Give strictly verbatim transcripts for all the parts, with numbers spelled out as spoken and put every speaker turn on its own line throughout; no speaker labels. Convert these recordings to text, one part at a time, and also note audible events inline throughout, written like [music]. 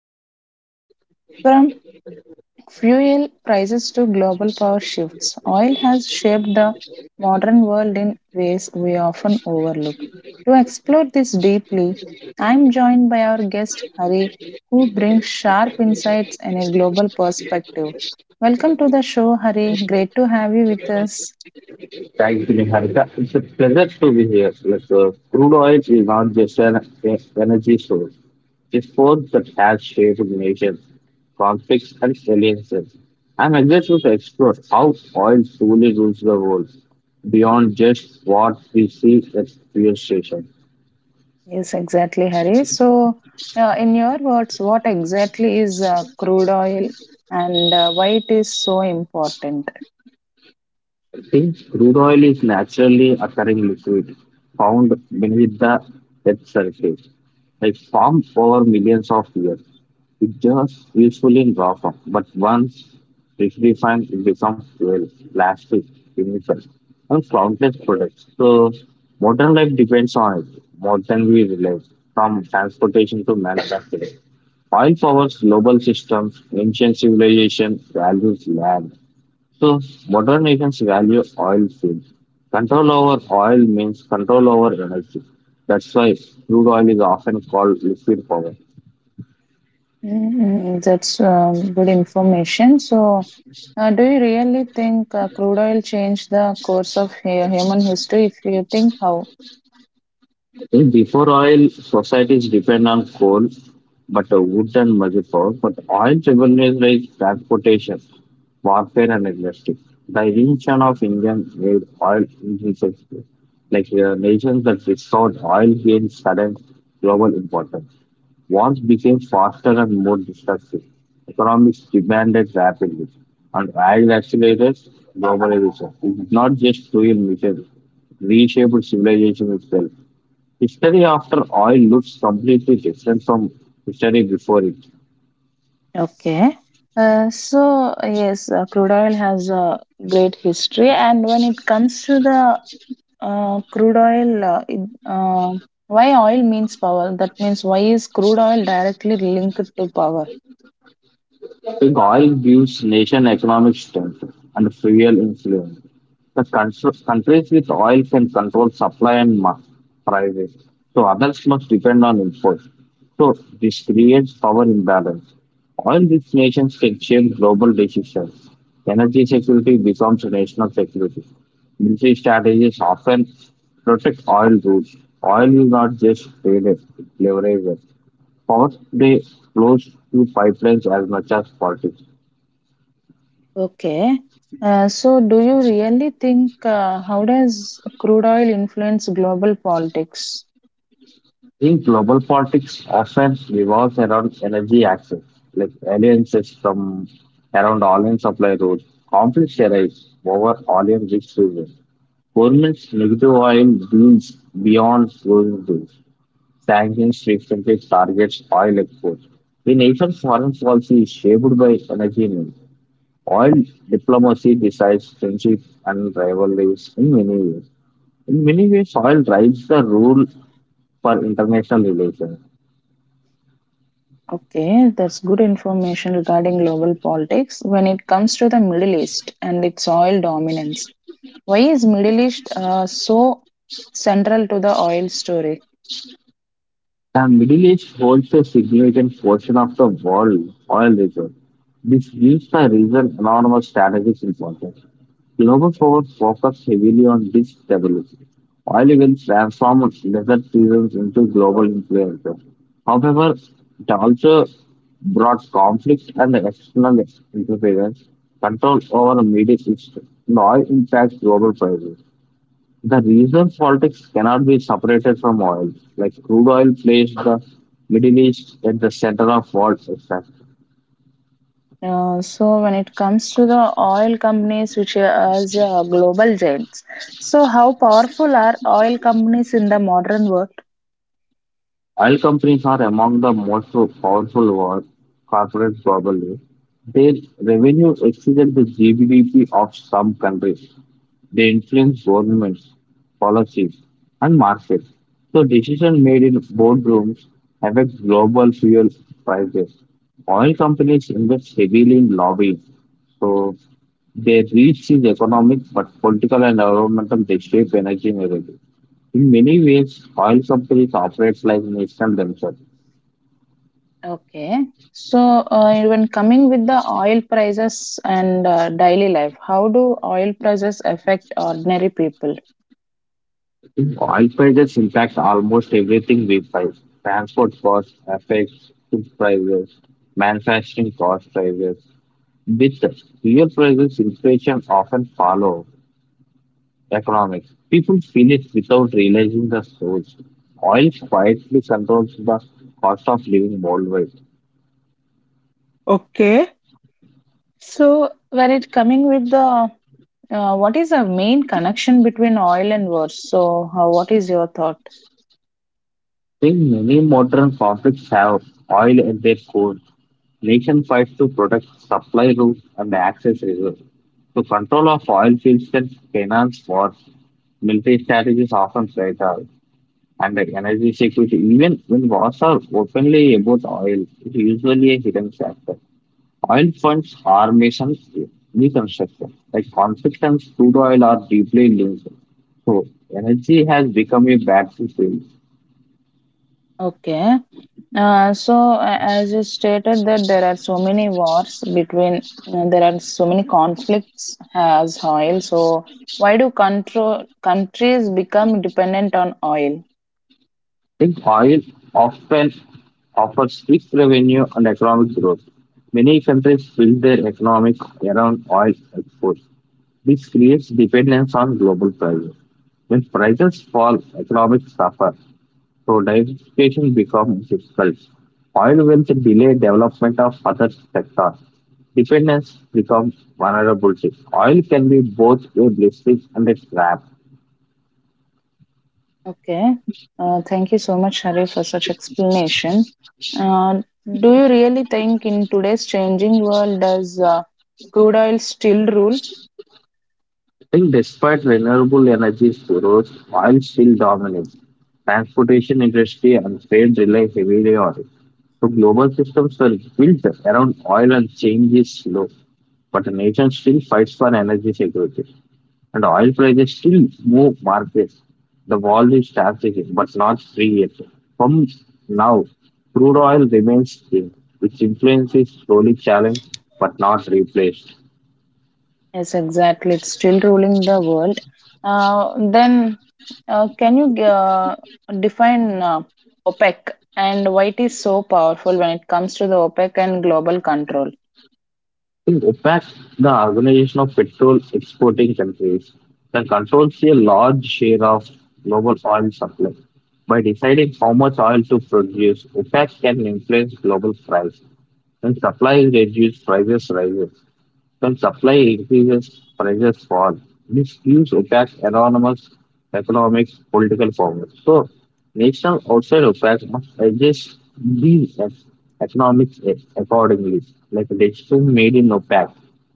crude oil. From fuel prices to global power shifts. Oil has shaped the modern world in ways we often overlook. To explore this deeply, I'm joined by our guest Hari, who brings sharp insights and a global perspective. Welcome to the show, Hari. Great to have you with us.
Thank you, Niharika. It's a pleasure to be here. Like, uh, crude oil is not just an e- energy source; it's force that has shaped nations, conflicts, and alliances. I'm excited to explore how oil truly rules the world beyond just what we see at fuel stations.
Yes, exactly, Hari. So, uh, in your words, what exactly is uh, crude oil and uh, why it is so important?
Since crude oil is naturally occurring liquid found beneath the Earth's surface, like formed over millions of years. It's just useful in raw form, but once refined, it becomes well, plastic, chemical, and countless products. So modern life depends on it more than we realize, from transportation to manufacturing. Oil powers global systems, ancient civilization values land. So modern nations value oil fields. Control over oil means control over energy. That's why crude oil is often called liquid power.
Mm, that's um, good information. So, uh, do you really think uh, crude oil changed the course of hu- human history? If you think how?
Eh, Before oil, societies depend on coal, but uh, wood and major power. But oil revenues like transportation, warfare, and industry. The invention of Indian made oil indispensable. Like uh, nations that restored oil gained sudden global importance. Wars became faster and more destructive. Economics demanded rapidly, and oil accelerated globalization. It's not just fuel meter, reshaped civilization itself. History after oil looks completely different from history before it.
Okay. Uh, so, yes, uh, crude oil has a great history. And when it comes to the uh, crude oil, uh, it, uh, why oil means power? That means, why is crude oil directly linked to power?
The oil gives nation economic strength and fuel influence. The contr- countries with oil can control supply and ma- prices, so others must depend on imports. So this creates power imbalance. Oil-rich nations can shape global decisions. Energy security becomes national security. Military strategies often protect oil routes. Oil is not just traded, it's leveraged. Power they flows through pipelines as much as politics.
Okay. Uh, so do you really think uh, how does crude oil influence global politics?
I think global politics often revolves around energy access, like alliances from around oil supply routes. Conflicts arise over oil and rich regions. Governments negative oil deals beyond closing deals. Sanctions frequently targets oil exports. The nation's foreign policy is shaped by energy needs. Oil diplomacy decides friendship and rivalries in many ways. In many ways, oil drives the rule for international relations.
Okay, that's good information regarding global politics when it comes to the Middle East and its oil dominance. Why is Middle East uh, so central to the oil story?
The Middle East holds a significant portion of the world oil reserve. This gives the region enormous strategic importance. Global forests focus heavily on this stability, oil events transform desert seasons into global influences. However, it also brought conflict and external interference, control over the Middle East, and oil impacts global prices. The regional politics cannot be separated from oil, like crude oil placed the Middle East at the center of world.
Uh, so when it comes to the oil companies which are as uh, global giants, so how powerful are oil companies in the modern world?
Oil companies are among the most powerful world corporates globally. Their revenue exceeded the G D P of some countries. They influence governments, policies, and markets. So decisions made in boardrooms affect global fuel prices. Oil companies invest heavily in lobbying, so their reach is economic, but political and environmental they shape energy narrative. In many ways, oil companies operate like nations themselves.
Okay. So, uh, when coming with the oil prices and uh, daily life, how do oil prices affect ordinary people?
Oil prices impact almost everything we buy. Transport costs affects food prices, manufacturing cost prices. With fuel prices, inflation often follow economics. People feel it without realizing the source. Oil quietly controls the cost of living worldwide. I
Okay. So, when it coming with the uh, what is the main connection between oil and wars? So, how, what is your thought?
think many modern conflicts have oil at their core. Nation fights to protect supply routes and access reserves. The control of oil fields and finance wars. Military strategies often fatal, and the energy security, even when wars are openly about oil, is usually a hidden factor. Oil funds armies reconstruction, like conflict and crude oil are deeply linked. So, energy has become a battlefield.
Okay. Uh, so, a- as you stated that there are so many wars between, uh, there are so many conflicts as oil. So, why do control countries become dependent on oil?
Think oil often offers fixed revenue and economic growth. Many countries build their economic around oil exports. This creates dependence on global prices. When prices fall, economics suffer, so diversification becomes difficult. Oil will delay development of other sectors. Dependence becomes vulnerability. Oil can be both a blessing and a trap.
Okay. Uh, thank you so much, Hari, for such explanation. Uh, do you really think in today's changing world does uh, crude oil still rule?
I think despite renewable energy's growth, oil still dominates. Transportation industry and trade rely heavily on it. So global systems were built around oil and change is slow. But the nation still fights for energy security, and oil prices still move markets. The world is strategic, but not free yet. From now, crude oil remains king, which influence is slowly challenged but not replaced.
Yes, exactly. It's still ruling the world. Uh, then, uh, can you uh, define uh, OPEC and why it is so powerful when it comes to the OPEC and global control?
In OPEC, the Organization of Petrol Exporting Countries, that controls a large share of global oil supply. By deciding how much oil to produce, OPEC can influence global price. When supply is reduced, prices rise. When supply increases, prices fall. This gives OPEC enormous economic political power. So, nations outside OPEC must adjust these ec- economics a- accordingly. Like a decision made in OPEC,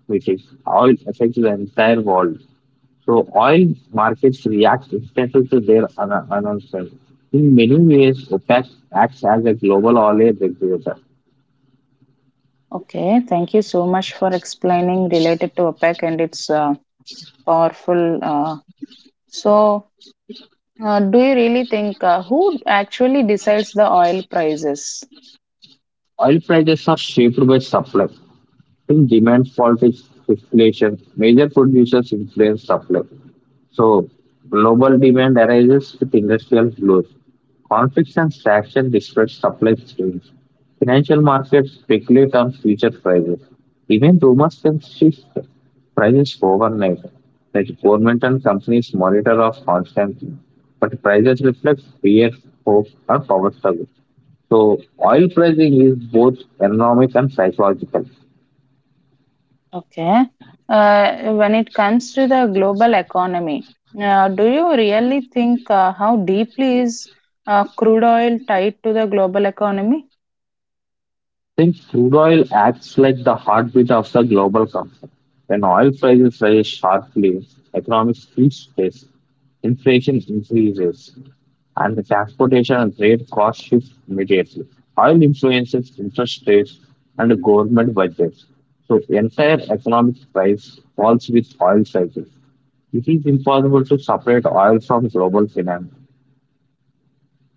which is oil affects the entire world. So, oil markets react instantly to their an- announcement. In many ways, OPEC acts as a global oil regulator.
Okay, thank you so much for explaining related to OPEC and its uh, powerful. Uh, so, Uh, do you really think uh, who actually decides the oil prices?
Oil prices are shaped by supply. In demand falls is inflation. Major producers influence supply. So global demand arises with industrial growth. Conflicts and sanctions disrupt supply chains. Financial markets speculate on future prices. Even rumors can shift prices overnight. Like government and companies monitor us constantly, but prices reflect fear, hope, or power struggle. So oil pricing is both economic and psychological.
Okay. Uh, when it comes to the global economy, uh, do you really think uh, how deeply is uh, crude oil tied to the global economy?
Think crude oil acts like the heartbeat of the global conflict. When oil prices rise sharply, economics lose space, inflation increases, and the transportation and trade costs shift immediately. Oil influences interest rates and the government budgets. So the entire economic price falls with oil cycles. It is impossible to separate oil from global finance.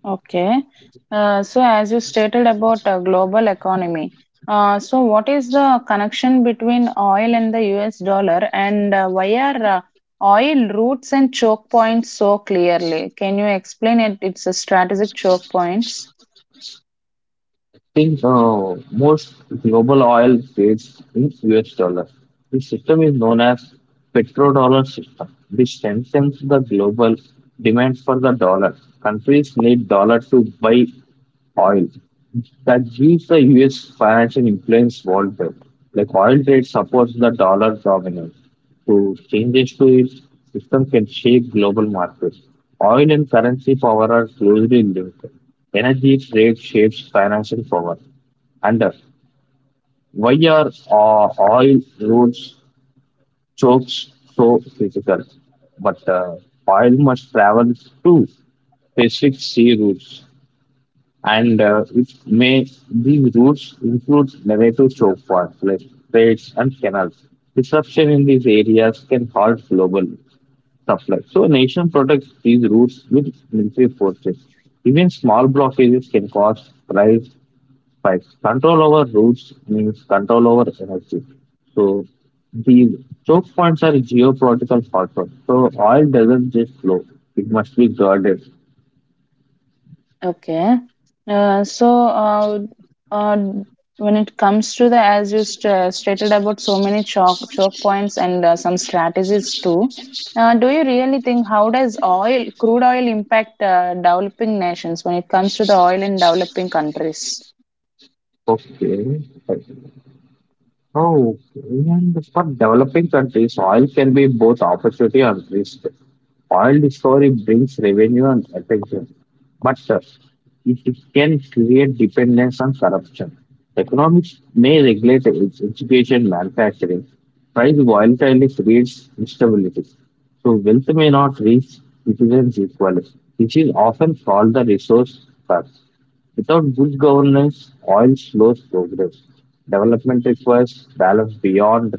Okay. Uh, so, as you stated about uh, global economy, uh, so what is the connection between oil and the U S dollar, and uh, why are uh, oil routes and choke points so clearly? Can you explain it? It's a strategic choke points.
Think uh, most global oil trades in U S dollar. This system is known as petrodollar system, which strengthens the global demand for the dollar. Countries need dollar to buy oil. That gives the U S financial influence worldwide. Like oil trade supports the dollar dominance. To changes to its system can shape global markets. Oil and currency power are closely linked. Energy trade shapes financial power. And uh, why are uh, oil roads chokes so critical? But uh, oil must travel to Pacific Sea routes, and uh, it may these routes include narrative choke points like straits and canals. Disruption in these areas can halt global supply. So, a nation protects these routes with military forces. Even small blockages can cause price Five, control over routes means control over energy. So the choke points are geopolitical factors. So oil doesn't just flow; it must be guarded.
Okay. Uh, so, uh, uh, when it comes to the, as you st- stated about so many chalk choke points and uh, some strategies too, uh, do you really think how does oil, crude oil, impact uh, developing nations when it comes to the oil in developing countries?
Okay. Oh, and for developing countries, oil can be both opportunity and risk. Oil discovery brings revenue and attention, but uh, it it can create dependence and corruption. Economics may regulate its education, manufacturing. Price volatility creates instability, so wealth may not reach citizens equally, which is often called the resource gap. Without good governance, oil slows progress. Development requires balance beyond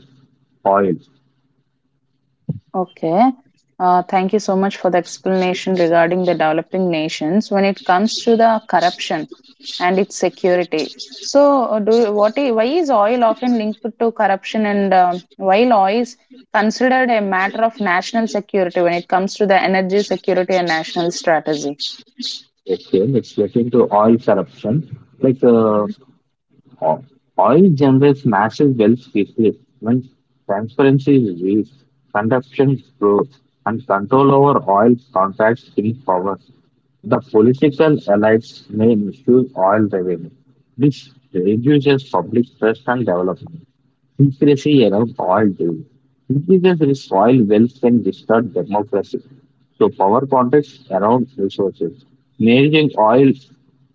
oil.
Okay. Uh, thank you so much for the explanation regarding the developing nations when it comes to the corruption and its security. So, uh, do you- what? i- Why is oil often linked to corruption, and um while oil is considered a matter of national security when it comes to the energy security and national strategy?
Okay, let's get into oil corruption. Like uh,
Mhm.
o- Oil generates massive wealth quickly. When transparency is weak, corruption grows, and control over oil contracts in power. The political elites may misuse oil revenue. This reduces public trust and development. Conspiracy around oil too. Increases in soil wealth can distort democracy. So power contests around resources. Managing oil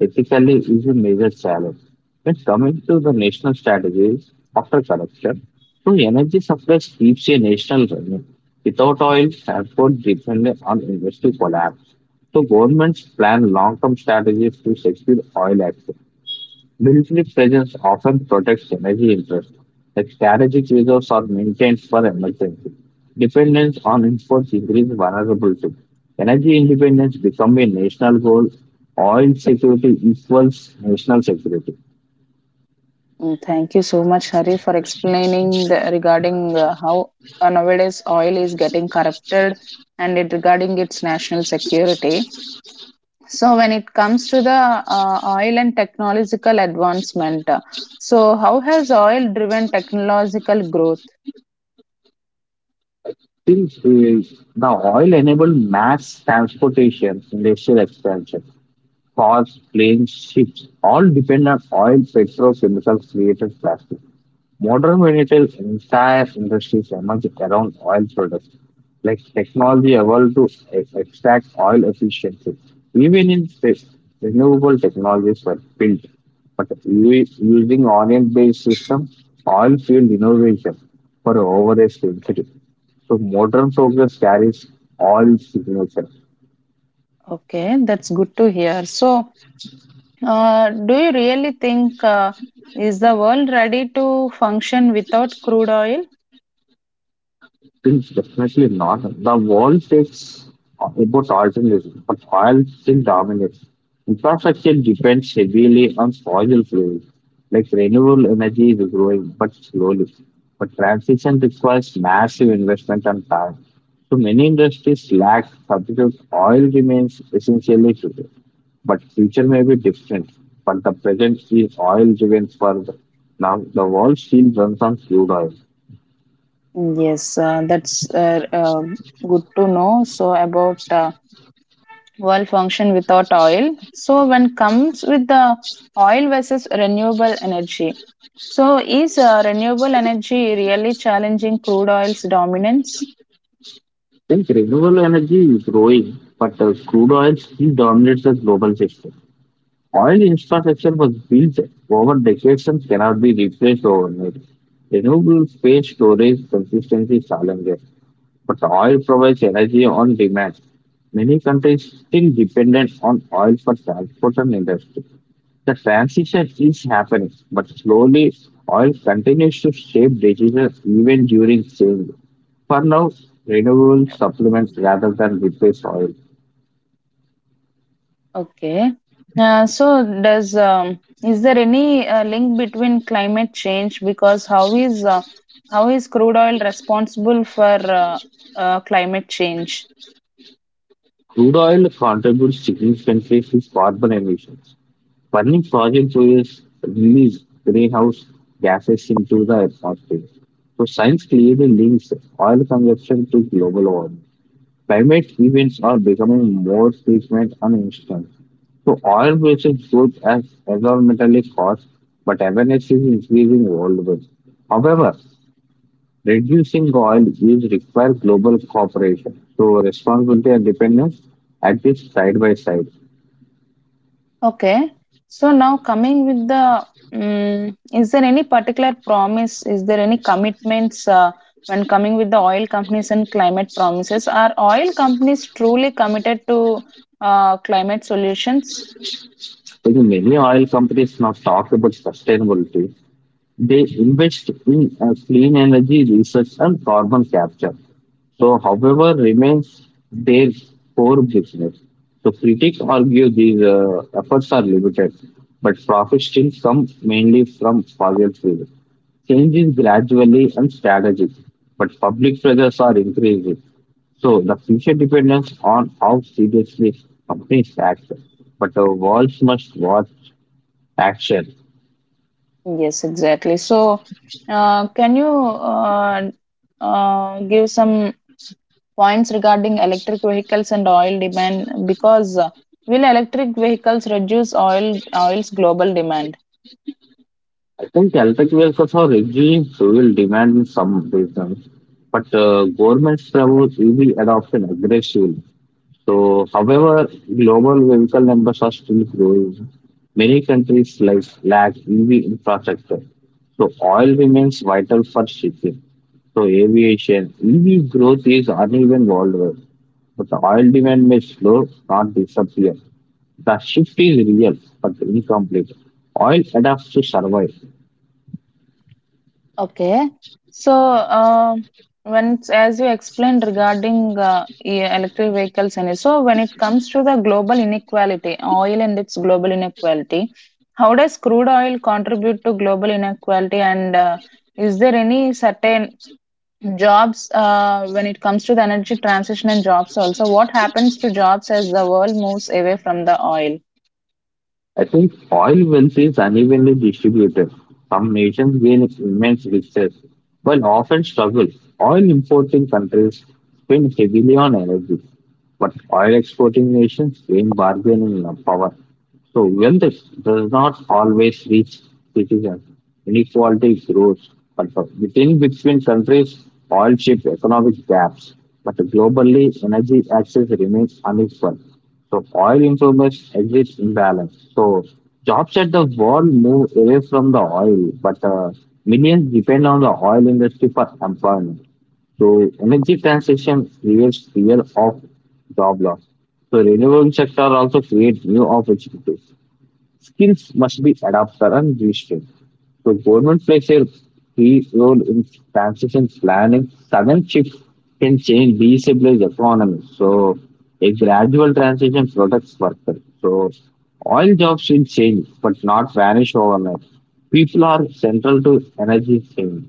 ethically is a major challenge. When coming to the national strategies after corruption, so energy supply keeps a national running. Without oil, transport dependent on industry collapse. So governments plan long-term strategies to secure oil access. Military presence often protects energy interests, like strategic reserves are maintained for emergency. Dependence on imports increases vulnerability. Energy independence becomes a national goal. Oil security equals national security.
Mm, thank you so much, Hari, for explaining the, regarding uh, how uh, nowadays oil is getting corrupted and it regarding its national security. So when it comes to the uh, oil and technological advancement, uh, so how has oil driven technological growth?
Since uh, Now oil enabled mass transportation, industrial expansion, cars, planes, ships all depend on oil, petrochemicals, created plastic. Modern retail's entire industry emerged around oil products, like technology evolved to e- extract oil efficiently. Even in space, renewable technologies were built, but u- using orient-based system, oil fueled innovation for over a century. So modern progress carries oil signature.
Okay, that's good to hear. So uh, do you really think uh, is the world ready to function without crude oil?
Think definitely not. The world takes about alternatives, but oil still dominates. Infrastructure depends heavily on fossil fuels, like renewable energy is growing, but slowly. But transition requires massive investment and time. So many industries lack substitutes. Oil remains essentially today, but future may be different. But the present is oil driven for the, now. The world still runs on crude oil.
Yes, uh, that's uh, um good to know. So about uh, world function without oil. So when comes with the oil versus renewable energy. So is uh, renewable energy really challenging crude oil's dominance?
I think renewable energy is growing, but uh, crude oil still dominates the global system. Oil infrastructure was built over decades and cannot be replaced overnight. Renewable space storage consistency challenges, but oil provides energy on demand. Many countries still dependent on oil for transport and industry. The transition is happening, but slowly oil continues to shape decisions even during change. For now, renewable supplements rather than replace oil.
Okay. Uh, so does um, is there any uh, link between climate change because how is uh, how is crude oil responsible for uh, uh, climate change?
Crude oil contributes significantly to carbon emissions. Burning fossil fuels release greenhouse gases into the atmosphere. So science clearly links oil consumption to global warming. Climate events are becoming more frequent and instant. So oil versus good as environmentally cost, but awareness is increasing worldwide. However, reducing oil use requires global cooperation, so responsibility and dependence exist side by side.
Okay. So now coming with the mm, is there any particular promise? Is there any commitments uh, when coming with the oil companies and climate promises? Are oil companies truly committed to uh, climate solutions?
Like many oil companies now talk about sustainability, they invest in uh, clean energy research and carbon capture. So, however, remains their core business. So, critics argue these uh, efforts are limited, but profits still come mainly from fossil fuels. Change is gradually and strategic, but public pressures are increasing. So the future depends on how seriously companies act, but the world must watch action.
Yes, exactly. So uh, can you uh, uh, give some points regarding electric vehicles and oil demand? Because uh, will electric vehicles reduce oil oil's global demand?
I think electric vehicles are reducing fuel demand in some regions, but uh, governments promote E V adoption aggressively. So, however, global vehicle numbers are still growing. Many countries like lack E V infrastructure, so oil remains vital for shipping. So, aviation E V growth is uneven worldwide. But the oil demand may slow, not disappear. The shift is real, but incomplete. Oil adapts to survive.
Okay. So, um, when it's, as you explained regarding uh, e- electric vehicles, and so when it comes to the global inequality, oil and its global inequality, how does crude oil contribute to global inequality? And uh, is there any certain jobs uh, when it comes to the energy transition and jobs also? What happens to jobs as the world moves away from the oil?
I think oil wealth is unevenly distributed. Some nations gain immense riches, while often struggle. Oil importing countries spend heavily on energy, but oil exporting nations gain bargaining power. So wealth is- does not always reach citizens. Inequality grows, but for- within between countries, oil shapes economic gaps. But globally, energy access remains unequal. So oil informers exit imbalance. So jobs at the world move away from the oil, but uh, millions depend on the oil industry for employment. So energy transition creates fear of job loss. So renewable sector also creates new opportunities. Skills must be adapted and restrained. So government plays a key role in transition planning. Sudden shift can change destabilize economy. So a gradual transition protects workers. So all jobs will change, but not vanish overnight. People are central to energy change.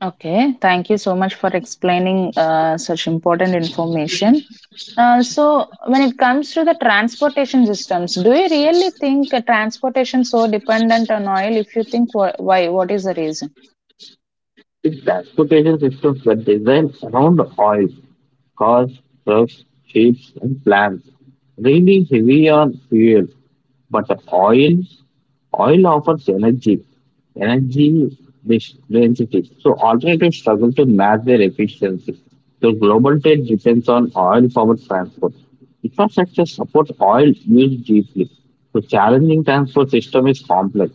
Okay, thank you so much for explaining uh, such important information. Uh, so when it comes to the transportation systems, do you really think uh, transportation so dependent on oil? If you think wh- why, what is the reason?
The transportation systems were designed around oil, cars, trucks, ships, and plants, really heavy on fuel, but oil oil offers energy, energy density, so alternatives struggle to match their efficiency. So global trade depends on oil powered transport. Infrastructure supports oil used deeply. So challenging transport system is complex.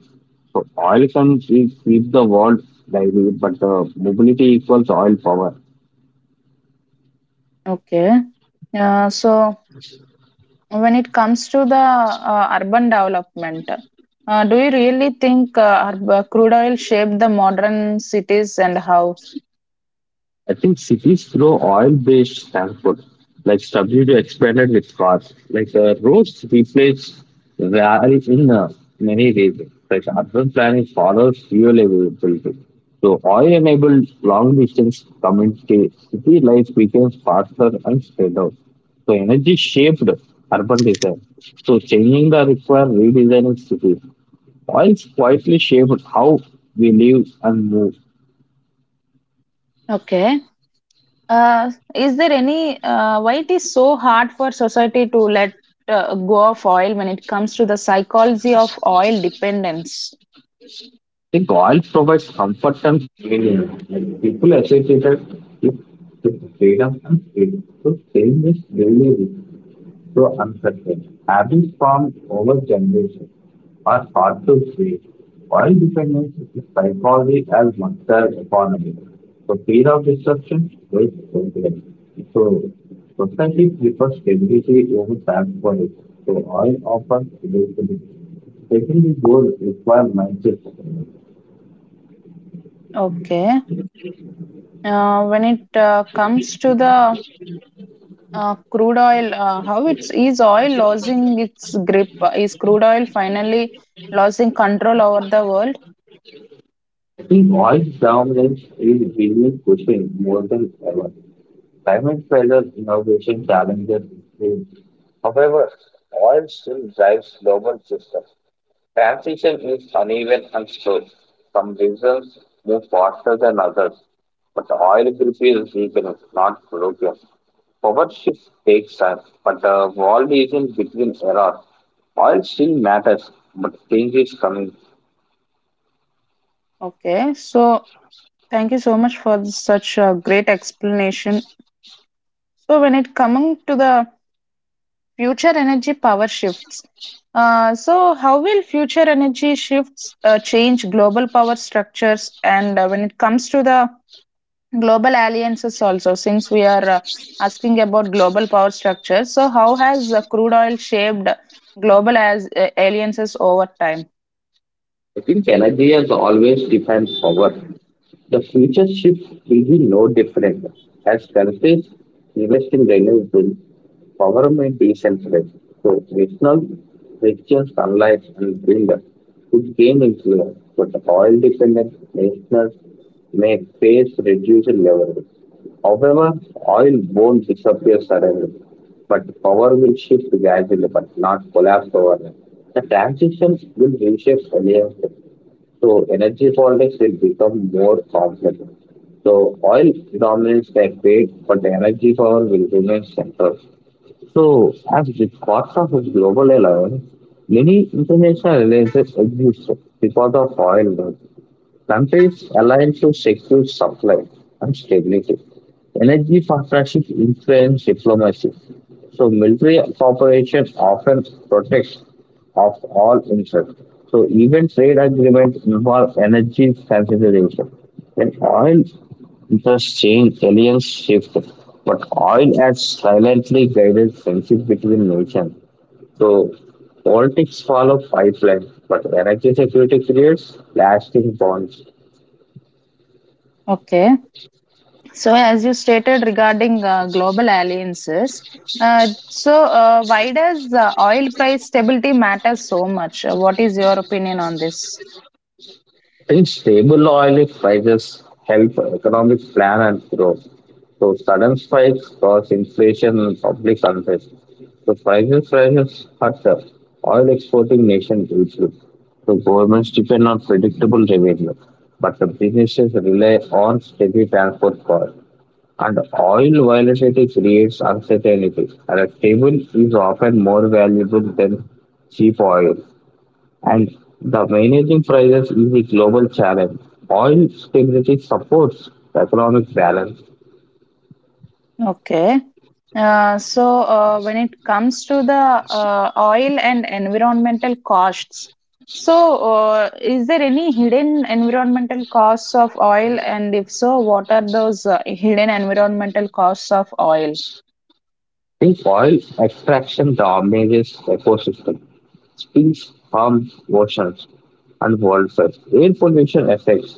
So oil can keep keep the world lively, but uh, mobility equals oil power.
Okay. Uh, so when it comes to the uh, urban development, uh, do you really think uh, ur- uh, crude oil shaped the modern cities and how?
I think cities grow oil-based transport, like substitute expanded with cars. Like uh, roads replace rail in uh, many ways. Like urban planning follows fuel availability. So oil-enabled long-distance community city life becomes faster and spread out. So energy shaped urban design. So changing the require redesigning cities. Oils quietly shaped how we live and move.
Okay. Uh, is there any uh, why it is so hard for society to let uh, go of oil when it comes to the psychology of oil dependence?
The oil provides comfort and freedom, and people associated it with the freedom and freedom. So change is really so uncertain. Habits formed over generations are hard to break. Oil dependence is psychology as much monster economy. So fear of disruption is confidence. So society prefers stability over transparency. So oil offers stability. Taking the goal requires mindset.
Okay. Uh, when it uh, comes to the uh, crude oil, uh, how it's is oil losing its grip? Uh, Is crude oil finally losing control over the world?
I think oil dominance is really pushing more than ever. Climate pressures, innovation challenges increase. However, oil still drives global systems. Transition is uneven and slow. Some regions move faster than others, but the oil group is weakening, not broken. Power shift takes time, but the world is in between eras. Oil still matters, but change is coming.
Okay. So thank you so much for such a great explanation. So when it coming to the future energy power shifts, uh, so how will future energy shifts uh, change global power structures? And uh, when it comes to the global alliances also since we are uh, asking about global power structures so how has uh, crude oil shaped global as uh, alliances over time
I think energy has always defined power. The future shift will be no different. As countries invest in renewables, power may decentralize. So regional regions, sunlight and wind could gain influence, but oil dependent nations may face reduced levels. However, oil won't disappear suddenly, but power will shift gradually, but not collapse overnight. The transitions will reshape alliances, so energy politics will become more complex. So oil dominates the debate, but energy power will remain central. So as the cost of a global alliance, many international alliances exist because of oil. Countries aligned to secure supply and stability. Energy partnership influence diplomacy. So military cooperation often protects of all interests. So even trade agreements involve energy consideration. When oil interests change, alliance shift. But oil has silently guided friendship between nations. So politics follow pipeline, but energy security creates lasting bonds.
okay so as you stated regarding uh, global alliances uh, so uh, why does uh, oil price stability matter so much. Uh, what is your opinion on this
Since stable oil prices help economic plan and growth, so sudden spikes cause inflation and public unrest. So prices rises hurt the oil exporting nation hugely. So governments depend on predictable revenue, but the businesses rely on steady transport costs. And oil volatility creates uncertainty, and a stable is often more valuable than cheap oil, and the managing prices is a global challenge. Oil stability supports economic balance.
okay. Uh, so, uh, when it comes to the uh, oil and environmental costs, so uh, is there any hidden environmental costs of oil? And if so, what are those uh, hidden environmental costs of oil?
The oil extraction damages ecosystem, species harms oceans and wildfires. Air pollution affects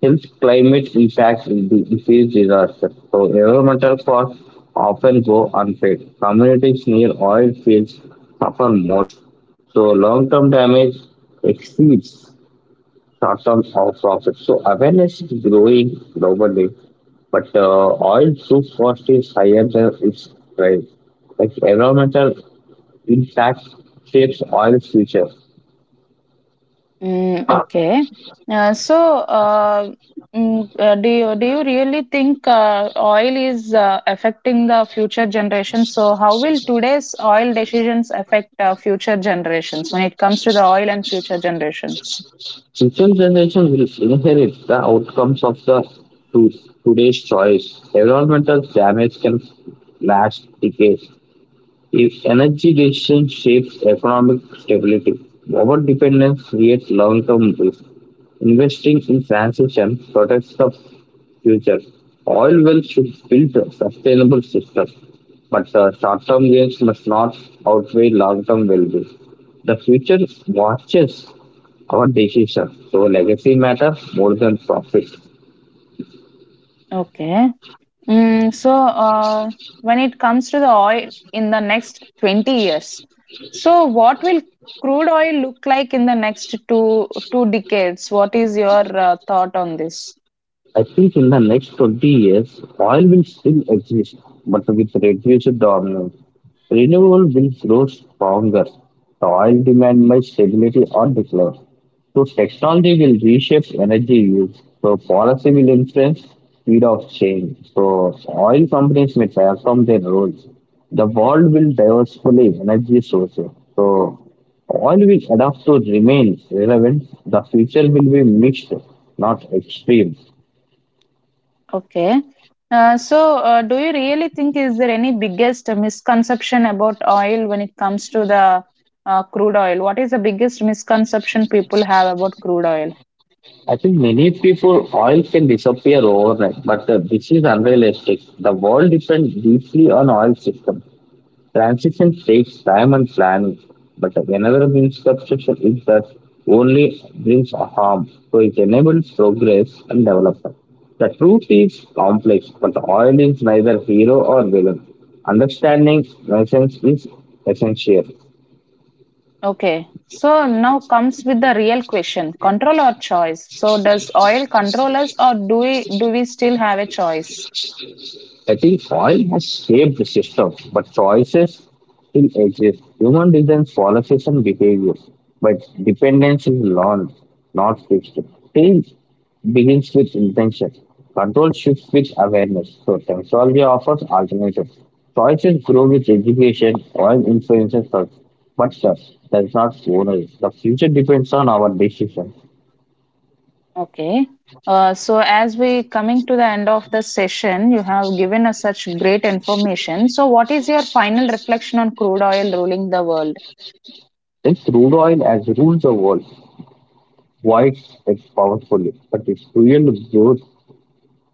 health, climate impacts, and di- disease disaster. So environmental costs often go unpaid. Communities near oil fields suffer most. So long-term damage exceeds short term of profits. So awareness is growing globally, but uh, oil soup cost is higher than its price. Like environmental impact shapes oil's future.
Mm, okay. Uh, so, uh, mm, uh, do you, do you really think uh, oil is uh, affecting the future generations? So, how will today's oil decisions affect uh, future generations when it comes to the oil and future generations?
Future generation will inherit the outcomes of the to, today's choice. Environmental damage can last decades. If energy decisions shape economic stability, over dependence creates long term risk. Investing in transition protects the future. Oil wells should build a sustainable system, but uh, short-term gains must not outweigh long-term well-being. The future watches our decisions, so legacy matters more than profit.
Okay. Mm, so, uh, when it comes to the oil in the next twenty years, so what will crude oil look like in the next two two decades? What is your uh, thought on this?
I think in the next twenty years, oil will still exist, but with reduced dominance. Renewable will grow stronger. The oil demand may stability or decline. So technology will reshape energy use. So policy will influence speed of change. So oil companies may transform their roles. The world will diversify energy sources. So oil will adapt to remain relevant. The future will be mixed, not extreme.
Okay. Uh, so, uh, do you really think is there any biggest misconception about oil when it comes to the uh, crude oil? What is the biggest misconception people have about crude oil?
I think many people oil can disappear overnight, but uh, this is unrealistic. The world depends deeply on oil system. Transition takes time and planning, but whenever misconception is that only brings a harm, so it enables progress and development. The truth is complex, but oil is neither hero or villain. Understanding lessons is essential.
Okay. So now comes with the real question, control or choice? So does oil control us or do we do we still have a choice?
I think oil has shaped the system, but choices still exist. Human design policies and behavior, but dependence is learned, not fixed. Change begins with intention. Control shifts with awareness. So technology offers alternatives. Choices grow with education, oil influences us, but stuff does not own us. The future depends on our decisions.
Okay. Uh, so as we coming to the end of the session, you have given us such great information. So what is your final reflection on crude oil ruling the world?
Then crude oil has ruled the world, quite powerfully, but its real growth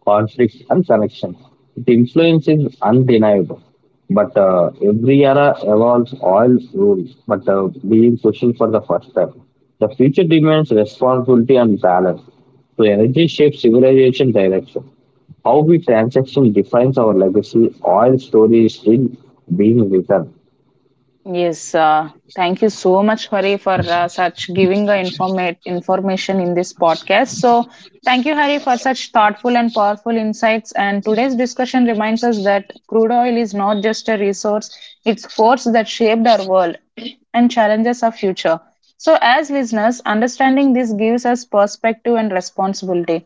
conflict and connection. Its influence is undeniable. But uh, every era evolves all rules, but uh, being pushing for the first time. The future demands responsibility and balance. So energy shapes civilization direction. How we transaction defines our legacy, oil story is still being written.
Yes, uh, thank you so much, Hari, for uh, such giving the informa- information in this podcast. So, thank you, Hari, for such thoughtful and powerful insights. And today's discussion reminds us that crude oil is not just a resource; it's a force that shaped our world [clears throat] and challenges our future. So, as listeners, understanding this gives us perspective and responsibility.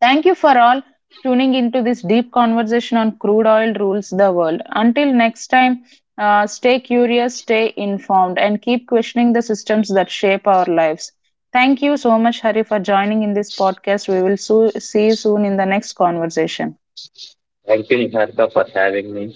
Thank you for all tuning into this deep conversation on crude oil rules the world. Until next time, uh, stay curious, stay informed, and keep questioning the systems that shape our lives. Thank you so much, Hari, for joining in this podcast. We will so- see you soon in the next conversation.
Thank you, Niharika, for having me.